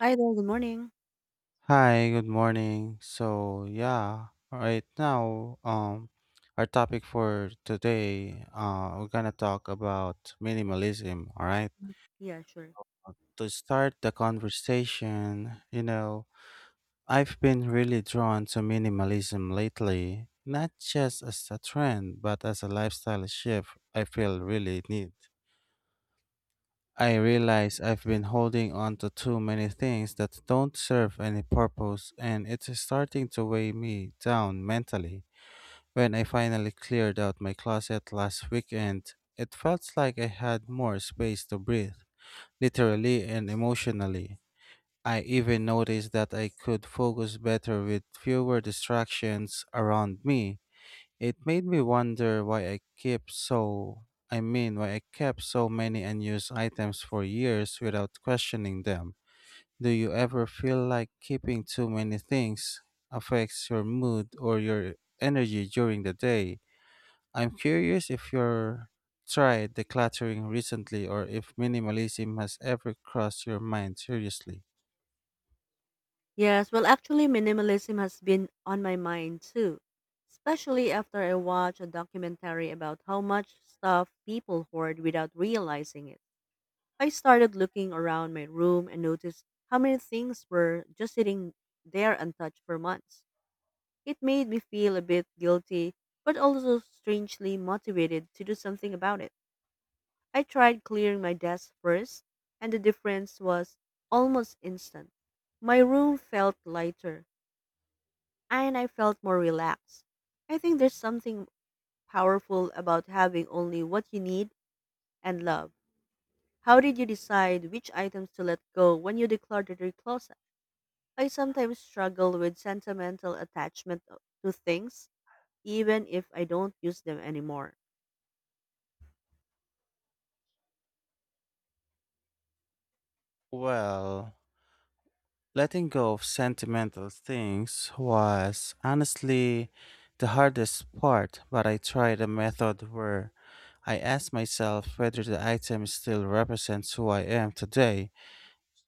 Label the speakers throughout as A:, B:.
A: Hi there, good morning.
B: Hi, good morning. Our topic for today, we're gonna talk about minimalism, all right?
A: Yeah, sure.
B: To start the conversation, I've been really drawn to minimalism lately, not just as a trend, but as a lifestyle shift I feel really need. I realize I've been holding on to too many things that don't serve any purpose, and it's starting to weigh me down mentally. When I finally cleared out my closet last weekend, it felt like I had more space to breathe, literally and emotionally. I even noticed that I could focus better with fewer distractions around me. It made me wonder why I kept so I mean why I kept so many unused items for years without questioning them. Do you ever feel like keeping too many things affects your mood or your energy during the day? I'm curious if you're tried decluttering recently or if minimalism has ever crossed your mind seriously.
A: Yes, well, actually, minimalism has been on my mind too, especially after I watched a documentary about how much stuff people hoard without realizing it. I started looking around my room and noticed how many things were just sitting there untouched for months. It made me feel a bit guilty, but also strangely motivated to do something about it. I tried clearing my desk first, and the difference was almost instant. My room felt lighter, and I felt more relaxed. I think there's something powerful about having only what you need and love. How did you decide which items to let go when you decluttered your closet? I sometimes struggle with sentimental attachment to things, even if I don't use them anymore.
B: Well, letting go of sentimental things was honestly the hardest part, but I tried a method where I asked myself whether the item still represents who I am today.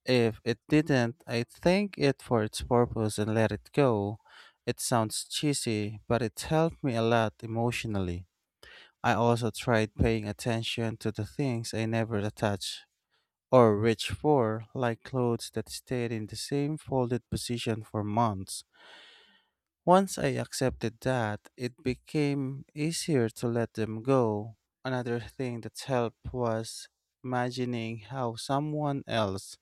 B: If it didn't, I thank it for its purpose and let it go. It sounds cheesy, but it helped me a lot emotionally. I also tried paying attention to the things I never attached or reach for, like clothes that stayed in the same folded position for months. Once I accepted that, it became easier to let them go. Another thing that helped was imagining how someone else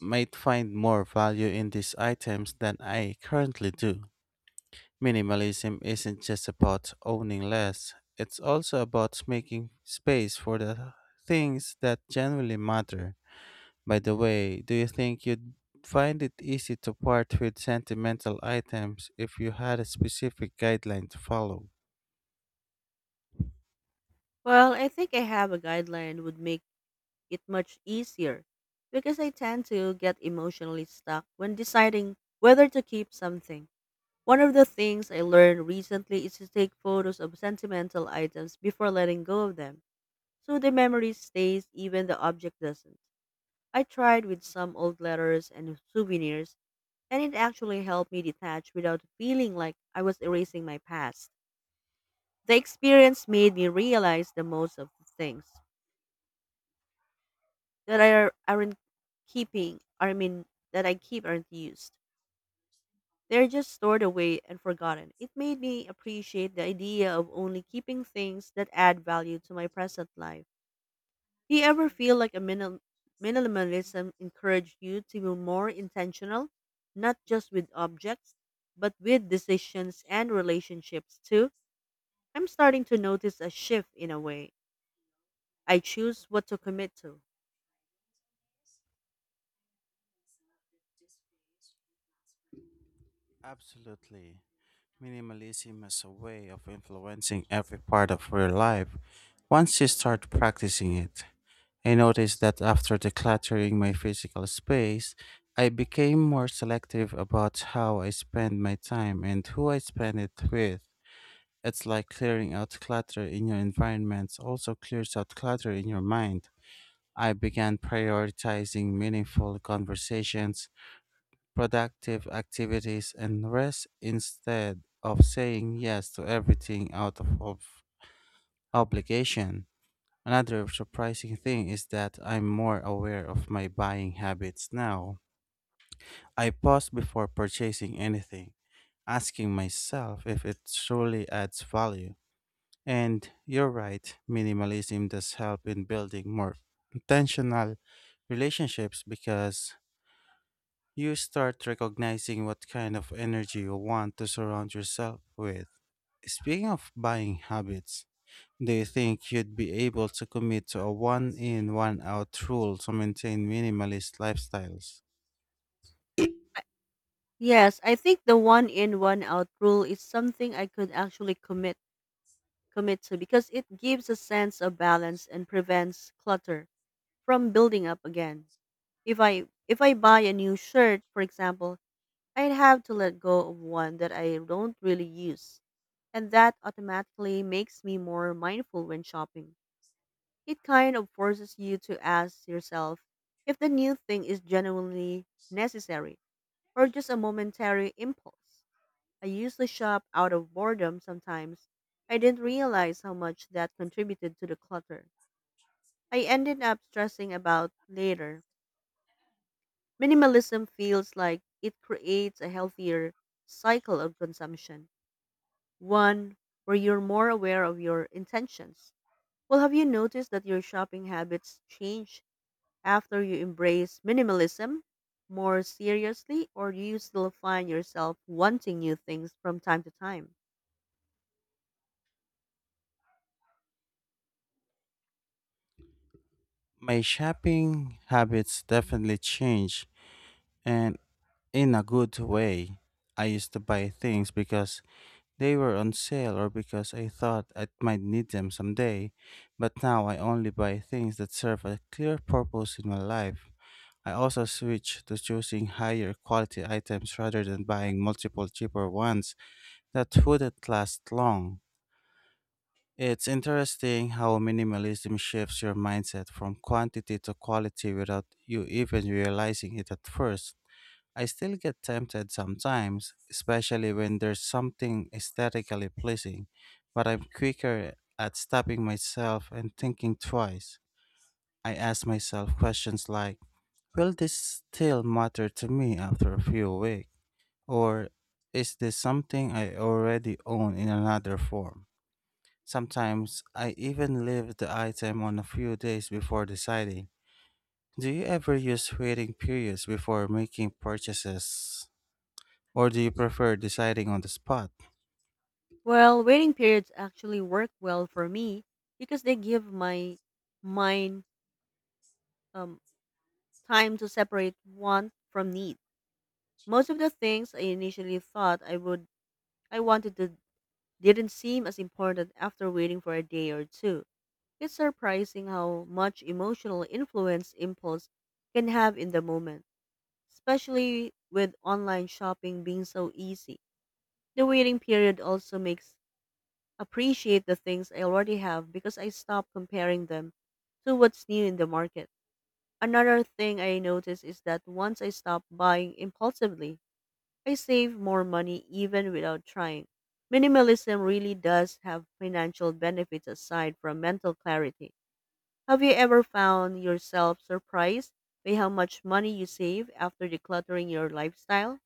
B: might find more value in these items than I currently do. Minimalism isn't just about owning less, it's also about making space for the things that genuinely matter. By the way, do you think you'd find it easy to part with sentimental items if you had a specific guideline to follow?
A: Well, I think I have a guideline would make it much easier because I tend to get emotionally stuck when deciding whether to keep something. One of the things I learned recently is to take photos of sentimental items before letting go of them, so the memory stays even the object doesn't. I tried with some old letters and souvenirs, and it actually helped me detach without feeling like I was erasing my past. The experience made me realize the most of the things that are aren't keeping I mean that I keep aren't used. They're just stored away and forgotten. It made me appreciate the idea of only keeping things that add value to my present life. Do you ever feel like a minimal minimalism encouraged you to be more intentional, not just with objects, but with decisions and relationships too? I'm starting to notice a shift in a way I choose what to commit to.
B: Absolutely. Minimalism is a way of influencing every part of your life once you start practicing it. I noticed that after decluttering my physical space, I became more selective about how I spend my time and who I spend it with. It's like clearing out clutter in your environments also clears out clutter in your mind. I began prioritizing meaningful conversations, productive activities, and rest instead of saying yes to everything out of obligation. Another surprising thing is that I'm more aware of my buying habits now. I pause before purchasing anything, asking myself if it truly adds value. And you're right, minimalism does help in building more intentional relationships because you start recognizing what kind of energy you want to surround yourself with. Speaking of buying habits, do you think you'd be able to commit to a one in, one out rule to maintain minimalist lifestyles?
A: Yes, I think the one in one out rule is something I could actually commit to because it gives a sense of balance and prevents clutter from building up again. If I buy a new shirt, for example, I'd have to let go of one that I don't really use. And that automatically makes me more mindful when shopping. It kind of forces you to ask yourself if the new thing is genuinely necessary or just a momentary impulse. I used to shop out of boredom sometimes. I didn't realize how much that contributed to the clutter. I ended up stressing about later. Minimalism feels like it creates a healthier cycle of consumption, one where you're more aware of your intentions. Well, have you noticed that your shopping habits change after you embrace minimalism more seriously, or do you still find yourself wanting new things from time to time?
B: My shopping habits definitely change, and in a good way. I used to buy things because they were on sale or because I thought I might need them someday, but now I only buy things that serve a clear purpose in my life. I also switched to choosing higher quality items rather than buying multiple cheaper ones that wouldn't last long. It's interesting how minimalism shifts your mindset from quantity to quality without you even realizing it at first. I still get tempted sometimes, especially when there's something aesthetically pleasing, but I'm quicker at stopping myself and thinking twice. I ask myself questions like, will this still matter to me after a few weeks? Or is this something I already own in another form? Sometimes I even leave the item on a few days before deciding. Do you ever use waiting periods before making purchases or do you prefer deciding on the spot?
A: Well, waiting periods actually work well for me because they give my mind um, time to separate want from need. Most of the things I initially thought I would I wanted to didn't seem as important after waiting for a day or two. It's surprising how much emotional influence impulse can have in the moment, especially with online shopping being so easy. The waiting period also makes appreciate the things I already have because I stop comparing them to what's new in the market. Another thing I notice is that once I stop buying impulsively, I save more money even without trying. Minimalism really does have financial benefits aside from mental clarity. Have you ever found yourself surprised by how much money you save after decluttering your lifestyle?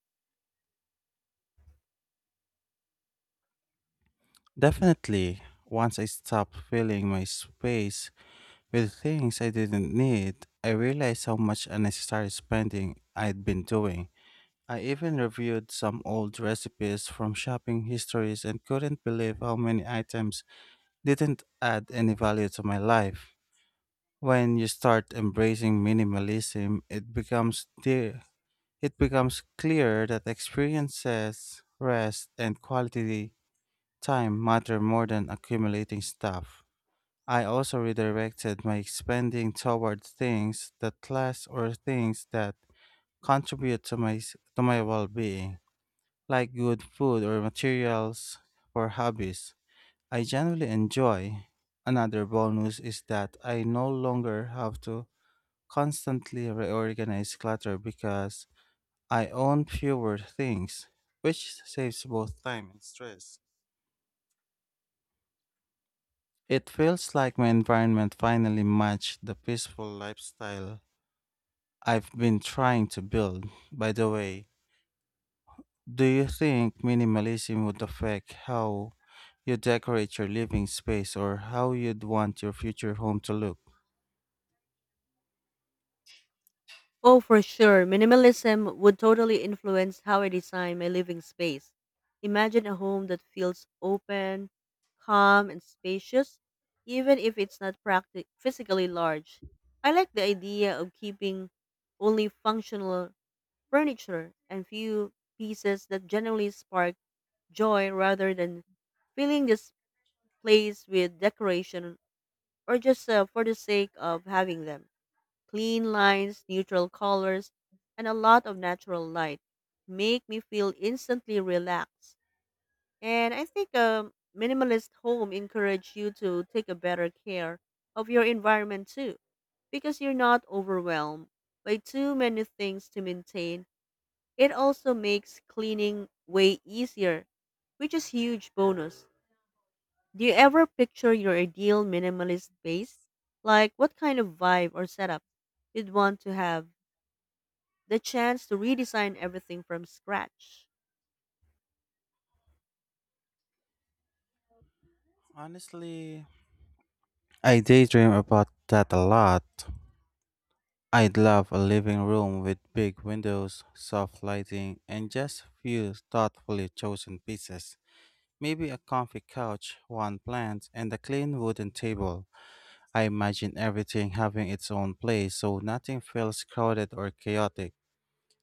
B: Definitely, once I stopped filling my space with things I didn't need, I realized how much unnecessary spending I'd been doing. I even reviewed some old recipes from shopping histories and couldn't believe how many items didn't add any value to my life. When you start embracing minimalism, it becomes dear. It becomes clear that experiences, rest, and quality time matter more than accumulating stuff. I also redirected my spending toward things that last or things that contribute to my well-being, like good food or materials for hobbies I generally enjoy. Another bonus is that I no longer have to constantly reorganize clutter because I own fewer things, which saves both time and stress. It feels like my environment finally matched the peaceful lifestyle I've been trying to build. By the way, do you think minimalism would affect how you decorate your living space or how you'd want your future home to look?
A: Oh, for sure. Minimalism would totally influence how I design my living space. Imagine a home that feels open, calm, and spacious, even if it's not physically large. I like the idea of keeping only functional furniture and few pieces that generally spark joy rather than filling this place with decoration or just for the sake of having them. Clean lines, neutral colors, and a lot of natural light make me feel instantly relaxed. And I think a minimalist home encourages you to take a better care of your environment too because you're not overwhelmed by too many things to maintain. It also makes cleaning way easier, which is huge bonus. Do you ever picture your ideal minimalist space? Like what kind of vibe or setup you'd want to have? The chance to redesign everything from scratch.
B: Honestly, I daydream about that a lot. I'd love a living room with big windows, soft lighting, and just a few thoughtfully chosen pieces. Maybe a comfy couch, one plant, and a clean wooden table. I imagine everything having its own place so nothing feels crowded or chaotic.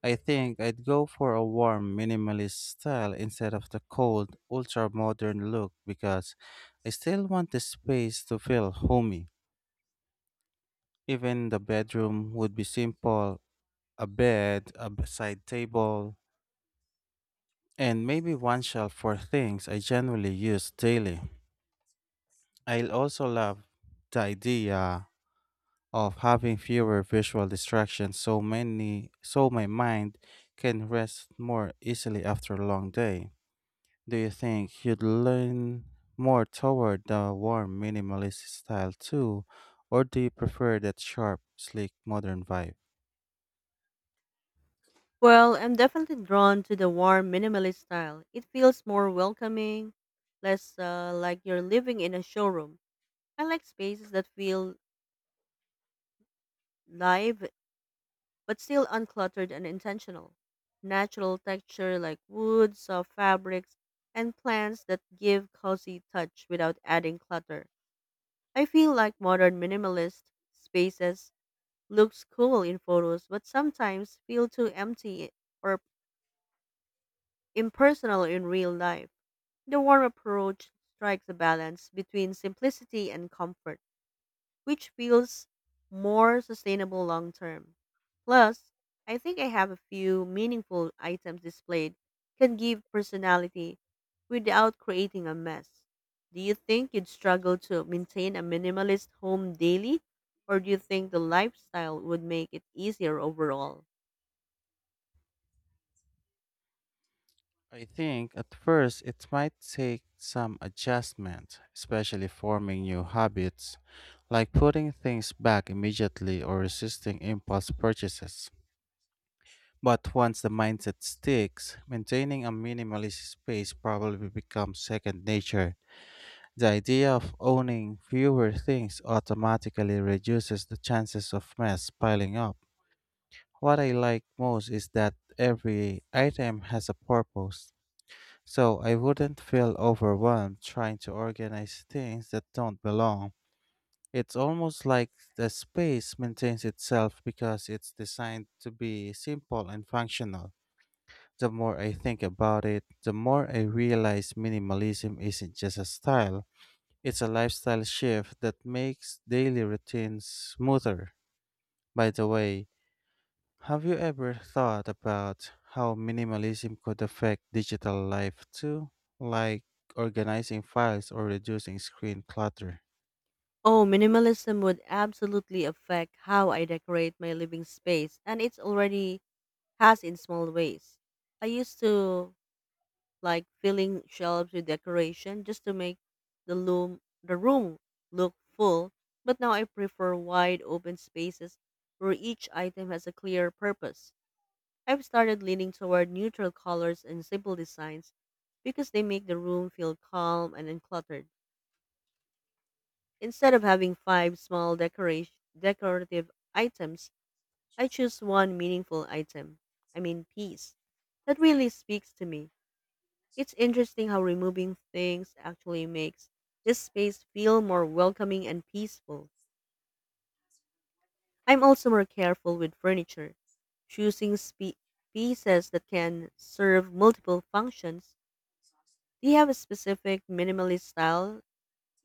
B: I think I'd go for a warm, minimalist style instead of the cold, ultra modern look because I still want the space to feel homey. Even the bedroom would be simple: a bed, side table, and maybe one shelf for things I generally use daily. I also love the idea of having fewer visual distractions so many so my mind can rest more easily after a long day. Do you think you'd lean more toward the warm minimalist style too, or do you prefer that sharp, sleek modern vibe?
A: Well, I'm definitely drawn to the warm minimalist style. It feels more welcoming, less like you're living in a showroom. I like spaces that feel live but still uncluttered and intentional. Natural texture like wood, soft fabrics, and plants that give cozy touch without adding clutter. I feel like modern minimalist spaces looks cool in photos but sometimes feel too empty or impersonal in real life. The warm approach strikes a balance between simplicity and comfort, which feels more sustainable long term. Plus, I think I have a few meaningful items displayed can give personality without creating a mess. Do you think you'd struggle to maintain a minimalist home daily? Or do you think the lifestyle would make it easier overall?
B: I think at first it might take some adjustment, especially forming new habits, like putting things back immediately or resisting impulse purchases. But once the mindset sticks, maintaining a minimalist space probably becomes second nature. The idea of owning fewer things automatically reduces the chances of mess piling up. What I like most is that every item has a purpose so I wouldn't feel overwhelmed trying to organize things that don't belong. It's almost like the space maintains itself because it's designed to be simple and functional. The more I think about it, the more I realize minimalism isn't just a style, it's a lifestyle shift that makes daily routines smoother. By the way, have you ever thought about how minimalism could affect digital life too, like organizing files or reducing screen clutter?
A: Oh, minimalism would absolutely affect how I decorate my living space, and it's already has in small ways. I used to like filling shelves with decoration just to make the room look full, but now I prefer wide open spaces where each item has a clear purpose. I've started leaning toward neutral colors and simple designs because they make the room feel calm and uncluttered. Instead of having five decorative items, I choose one meaningful item. I mean, piece. That really speaks to me. It's interesting how removing things actually makes this space feel more welcoming and peaceful. I'm also more careful with furniture, choosing pieces that can serve multiple functions. Do you have a specific minimalist style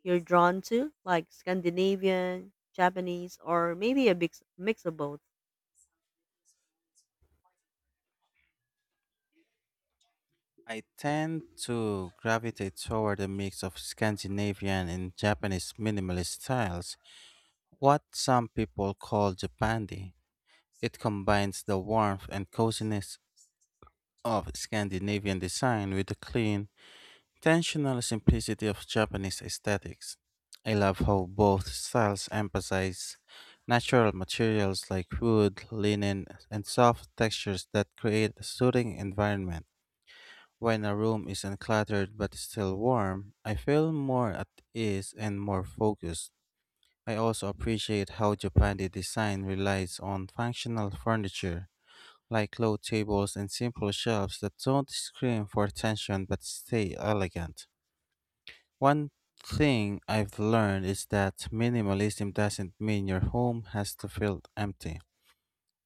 A: you're drawn to, like Scandinavian, Japanese, or maybe a mix of both?
B: I tend to gravitate toward a mix of Scandinavian and Japanese minimalist styles, what some people call Japandi. It combines the warmth and coziness of Scandinavian design with the clean, intentional simplicity of Japanese aesthetics. I love how both styles emphasize natural materials like wood, linen, and soft textures that create a soothing environment. When a room is uncluttered but still warm, I feel more at ease and more focused. I also appreciate how Japanese design relies on functional furniture, like low tables and simple shelves that don't scream for attention but stay elegant. One thing I've learned is that minimalism doesn't mean your home has to feel empty.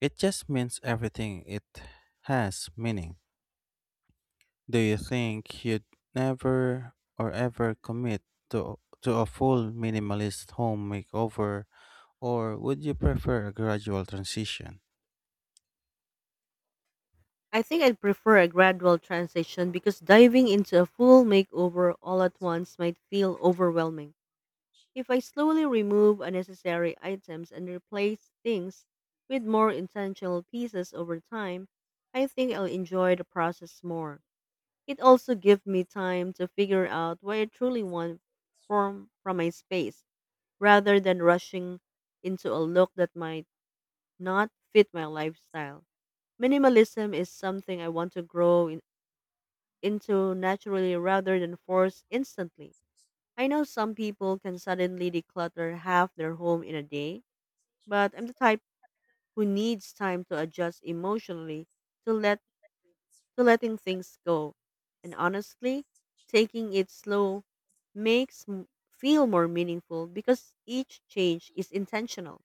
B: It just means everything it has meaning. Do you think you'd never or ever commit to a full minimalist home makeover or would you prefer a gradual transition?
A: I think I'd prefer a gradual transition because diving into a full makeover all at once might feel overwhelming. If I slowly remove unnecessary items and replace things with more intentional pieces over time, I think I'll enjoy the process more. It also gives me time to figure out what I truly want from my space rather than rushing into a look that might not fit my lifestyle. Minimalism is something I want to grow in, into naturally rather than force instantly. I know some people can suddenly declutter half their home in a day, but I'm the type who needs time to adjust emotionally to let to letting things go. And honestly, taking it slow makes feel more meaningful because each change is intentional.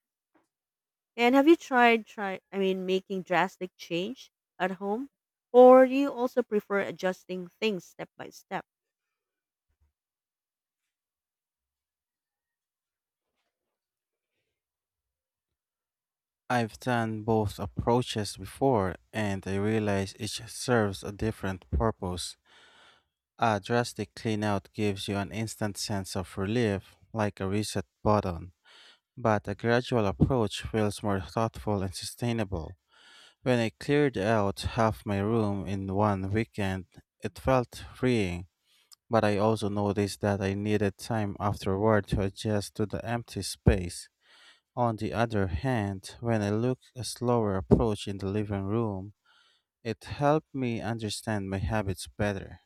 A: And have you tried try I mean making drastic change at home or do you also prefer adjusting things step by step?
B: I've done both approaches before and I realize each serves a different purpose. A drastic cleanout gives you an instant sense of relief, like a reset button, but a gradual approach feels more thoughtful and sustainable. When I cleared out half my room in one weekend, it felt freeing, but I also noticed that I needed time afterward to adjust to the empty space. On the other hand, when I took a slower approach in the living room, it helped me understand my habits better: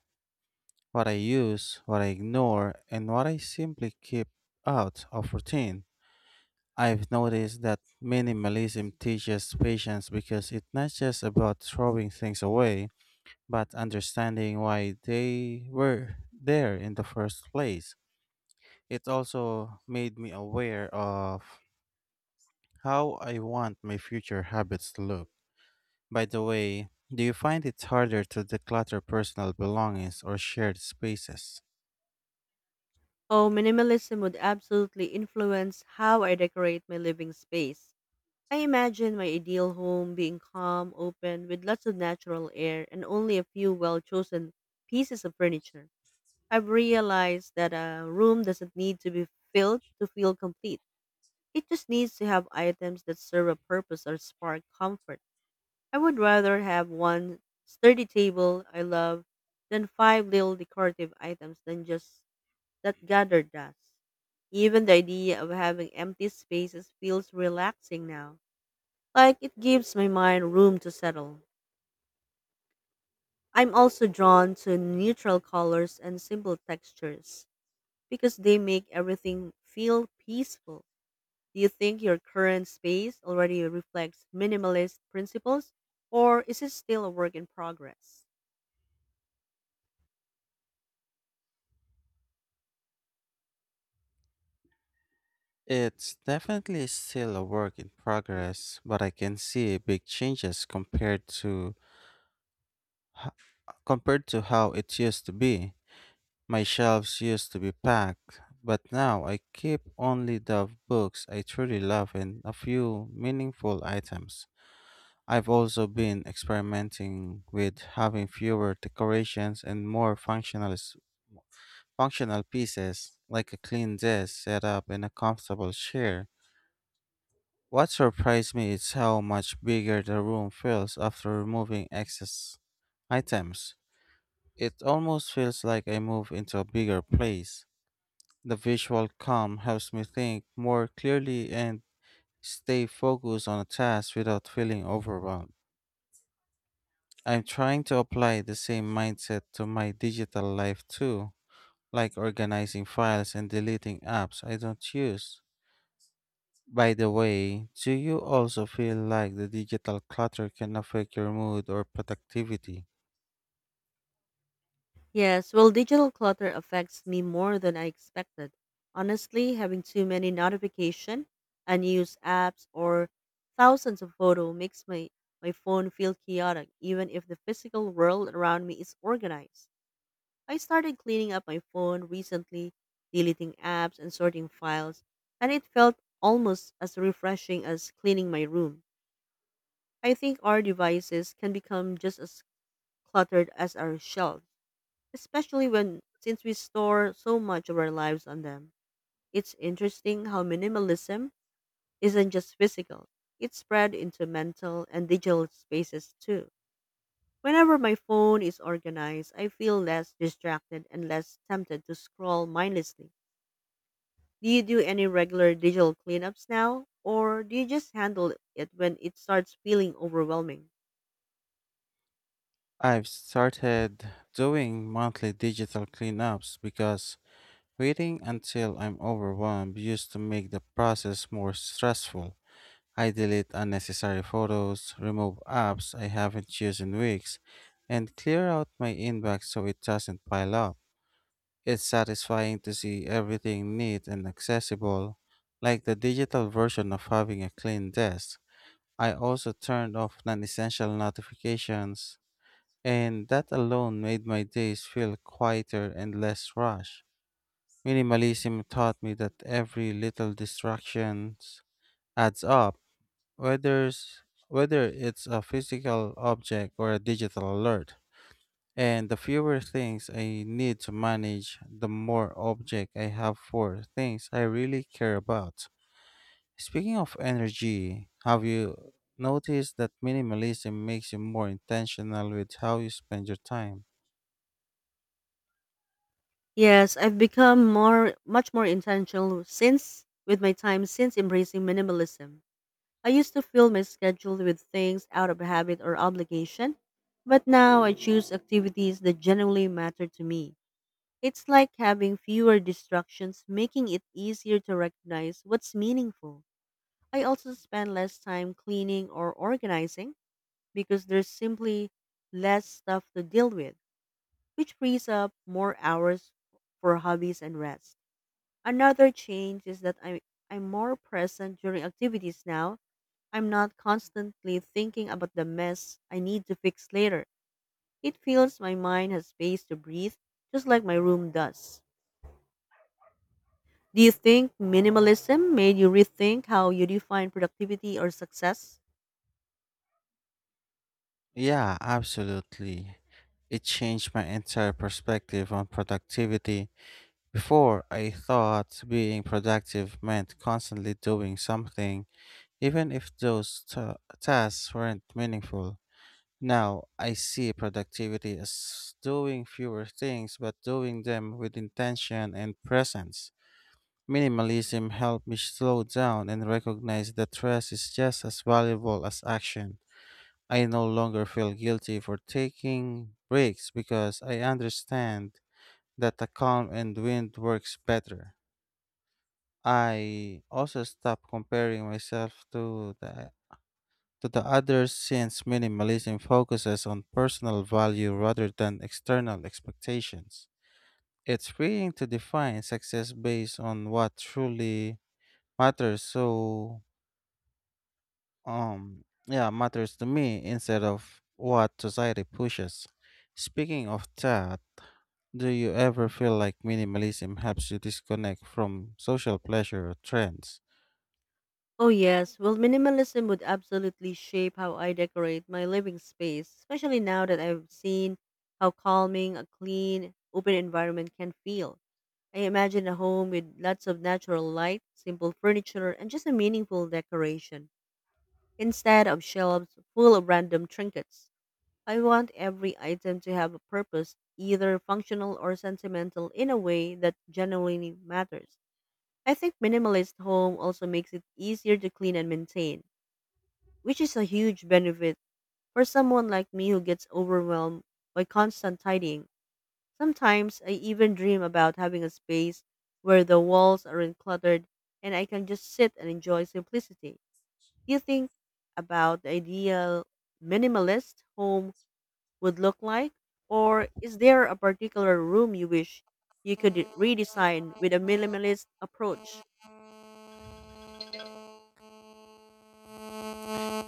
B: what I use, what I ignore, and what I simply keep out of routine. I've noticed that minimalism teaches patience because it's not just about throwing things away, but understanding why they were there in the first place. It also made me aware of how I want my future habits to look. By the way, do you find it harder to declutter personal belongings or shared spaces?
A: Oh, minimalism would absolutely influence how I decorate my living space. I imagine my ideal home being calm, open, with lots of natural air and only a few well chosen pieces of furniture. I've realized that a room doesn't need to be filled to feel complete. It just needs to have items that serve a purpose or spark comfort. I would rather have one sturdy table I love than five little decorative items than just that gather dust. Even the idea of having empty spaces feels relaxing now. Like it gives my mind room to settle. I'm also drawn to neutral colors and simple textures because they make everything feel peaceful. Do you think your current space already reflects minimalist principles or is it still a work in progress?
B: It's definitely still a work in progress, but I can see big changes h- compared to how it used to be. My shelves used to be packed, but now I keep only the books I truly love and a few meaningful items. I've also been experimenting with having fewer decorations and more functional pieces like a clean desk set up and a comfortable chair. What surprised me is how much bigger the room feels after removing excess items. It almost feels like I move into a bigger place. The visual calm helps me think more clearly and stay focused on a task without feeling overwhelmed. I'm trying to apply the same mindset to my digital life too, like organizing files and deleting apps I don't use. By the way, do you also feel like the digital clutter can affect your mood or productivity?
A: Yes, well, digital clutter affects me more than I expected. Honestly, having too many notification, unused apps, or thousands of photo makes my phone feel chaotic, even if the physical world around me is organized. I started cleaning up my phone recently, deleting apps and sorting files, and it felt almost as refreshing as cleaning my room. I think our devices can become just as cluttered as our shelves especially when since we store so much of our lives on them. It's interesting how minimalism isn't just physical. It's spread into mental and digital spaces too. Whenever my phone is organized, I feel less distracted and less tempted to scroll mindlessly. Do you do any regular digital cleanups now, or do you just handle it when it starts feeling overwhelming?
B: I've started doing monthly digital cleanups because waiting until I'm overwhelmed used to make the process more stressful. I delete unnecessary photos, remove apps I haven't used in weeks, and clear out my inbox so it doesn't pile up. It's satisfying to see everything neat and accessible, like the digital version of having a clean desk. I also turned off non essential notifications, and that alone made my days feel quieter and less rushed. Minimalism taught me that every little distraction adds up, whether, whether it's a physical object or a digital alert. And the fewer things I need to manage, the more object I have for things I really care about. Speaking of energy, have you noticed that minimalism makes you more intentional with how you spend your time?
A: Yes, I've become more much more intentional since with my time since embracing minimalism. I used to fill my schedule with things out of habit or obligation, but now I choose activities that genuinely matter to me. It's like having fewer distractions, making it easier to recognize what's meaningful. I also spend less time cleaning or organizing because there's simply less stuff to deal with, which frees up more hours for hobbies and rest. Another change is that I'm more present during activities now. I'm not constantly thinking about the mess I need to fix later. It feels my mind has space to breathe, just like my room does. Do you think minimalism made you rethink how you define productivity or success?
B: Yeah, absolutely. It changed my entire perspective on productivity. Before, I thought being productive meant constantly doing something, even if those tasks weren't meaningful. Now, I see productivity as doing fewer things but doing them with intention and presence. Minimalism helped me slow down and recognize that rest is just as valuable as action. I no longer feel guilty for taking breaks because I understand that a calm and wind works better. I also stopped comparing myself to the other since minimalism focuses on personal value rather than external expectations. It's freeing to define success based on what truly matters matters to me instead of what society pushes. Speaking of that, do you ever feel like minimalism helps you disconnect from social pleasure or trends?
A: Oh, yes. Well, minimalism would absolutely shape how I decorate my living space, especially now that I've seen how calming a clean, open environment can feel. I imagine a home with lots of natural light, simple furniture, and just a meaningful decoration, instead of shelves full of random trinkets. I want every item to have a purpose, either functional or sentimental, in a way that genuinely matters. I think minimalist home also makes it easier to clean and maintain, which is a huge benefit for someone like me who gets overwhelmed by constant tidying. Sometimes I even dream about having a space where the walls aren't cluttered and I can just sit and enjoy simplicity. Do you think about the ideal minimalist home would look like? Or is there a particular room you wish you could redesign with a minimalist approach?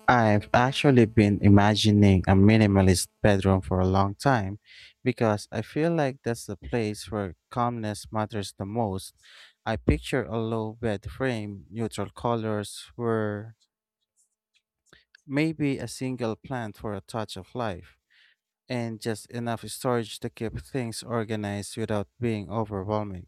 B: I've actually been imagining a minimalist bedroom for a long time because I feel like that's the place where calmness matters the most. I picture a low bed frame, neutral colors, where maybe a single plant for a touch of life, and just enough storage to keep things organized without being overwhelming.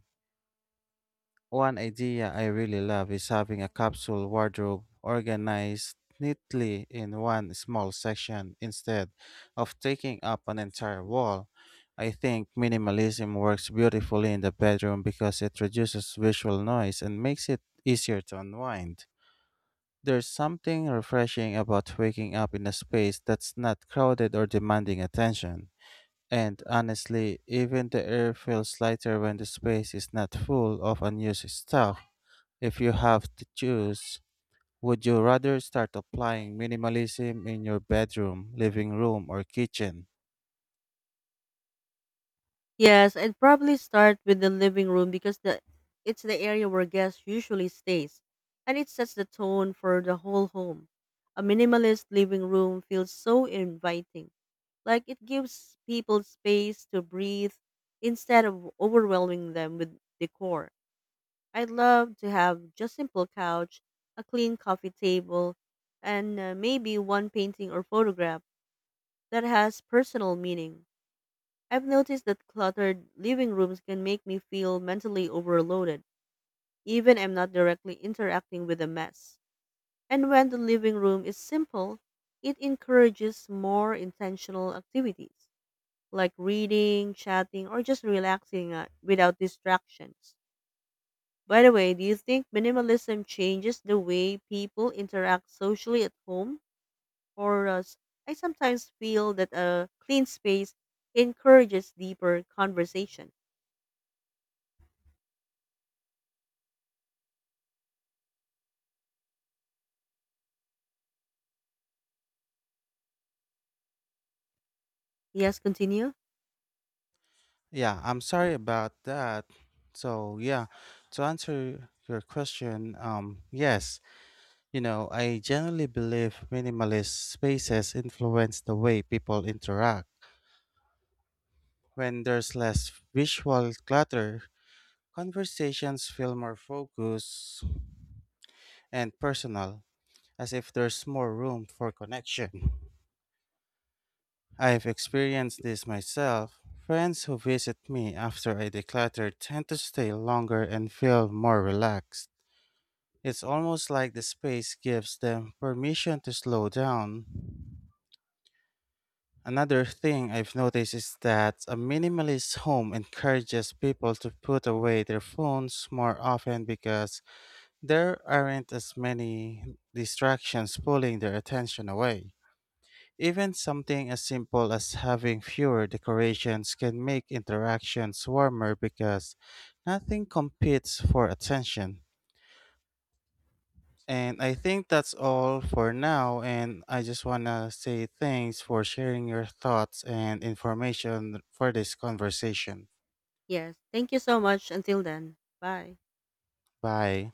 B: One idea I really love is having a capsule wardrobe organized neatly in one small section instead of taking up an entire wall. I think minimalism works beautifully in the bedroom because it reduces visual noise and makes it easier to unwind. There's something refreshing about waking up in a space that's not crowded or demanding attention. And honestly, even the air feels lighter when the space is not full of unused stuff. If you have to choose, would you rather start applying minimalism in your bedroom, living room, or kitchen?
A: Yes, I'd probably start with the living room because the it's the area where guests usually stays, and it sets the tone for the whole home. A minimalist living room feels so inviting. Like it gives people space to breathe instead of overwhelming them with decor. I'd love to have just simple couch, a clean coffee table, and maybe one painting or photograph that has personal meaning. I've noticed that cluttered living rooms can make me feel mentally overloaded, even I'm not directly interacting with the mess. And when the living room is simple, it encourages more intentional activities like reading, chatting, or just relaxing without distractions. By the way, do you think minimalism changes the way people interact socially at home? Or uh, s- I sometimes feel that a clean space encourages deeper conversation. Yes, continue.
B: Yeah, I'm sorry about that. So, yeah, to answer your question, yes, I generally believe minimalist spaces influence the way people interact. When there's less visual clutter, conversations feel more focused and personal, as if there's more room for connection. I've experienced this myself. Friends who visit me after I declutter tend to stay longer and feel more relaxed. It's almost like the space gives them permission to slow down. Another thing I've noticed is that a minimalist home encourages people to put away their phones more often because there aren't as many distractions pulling their attention away. Even something as simple as having fewer decorations can make interactions warmer because nothing competes for attention. And I think that's all for now. And I just want to say thanks for sharing your thoughts and information for this conversation.
A: Yes. Thank you so much. Until then. Bye.
B: Bye.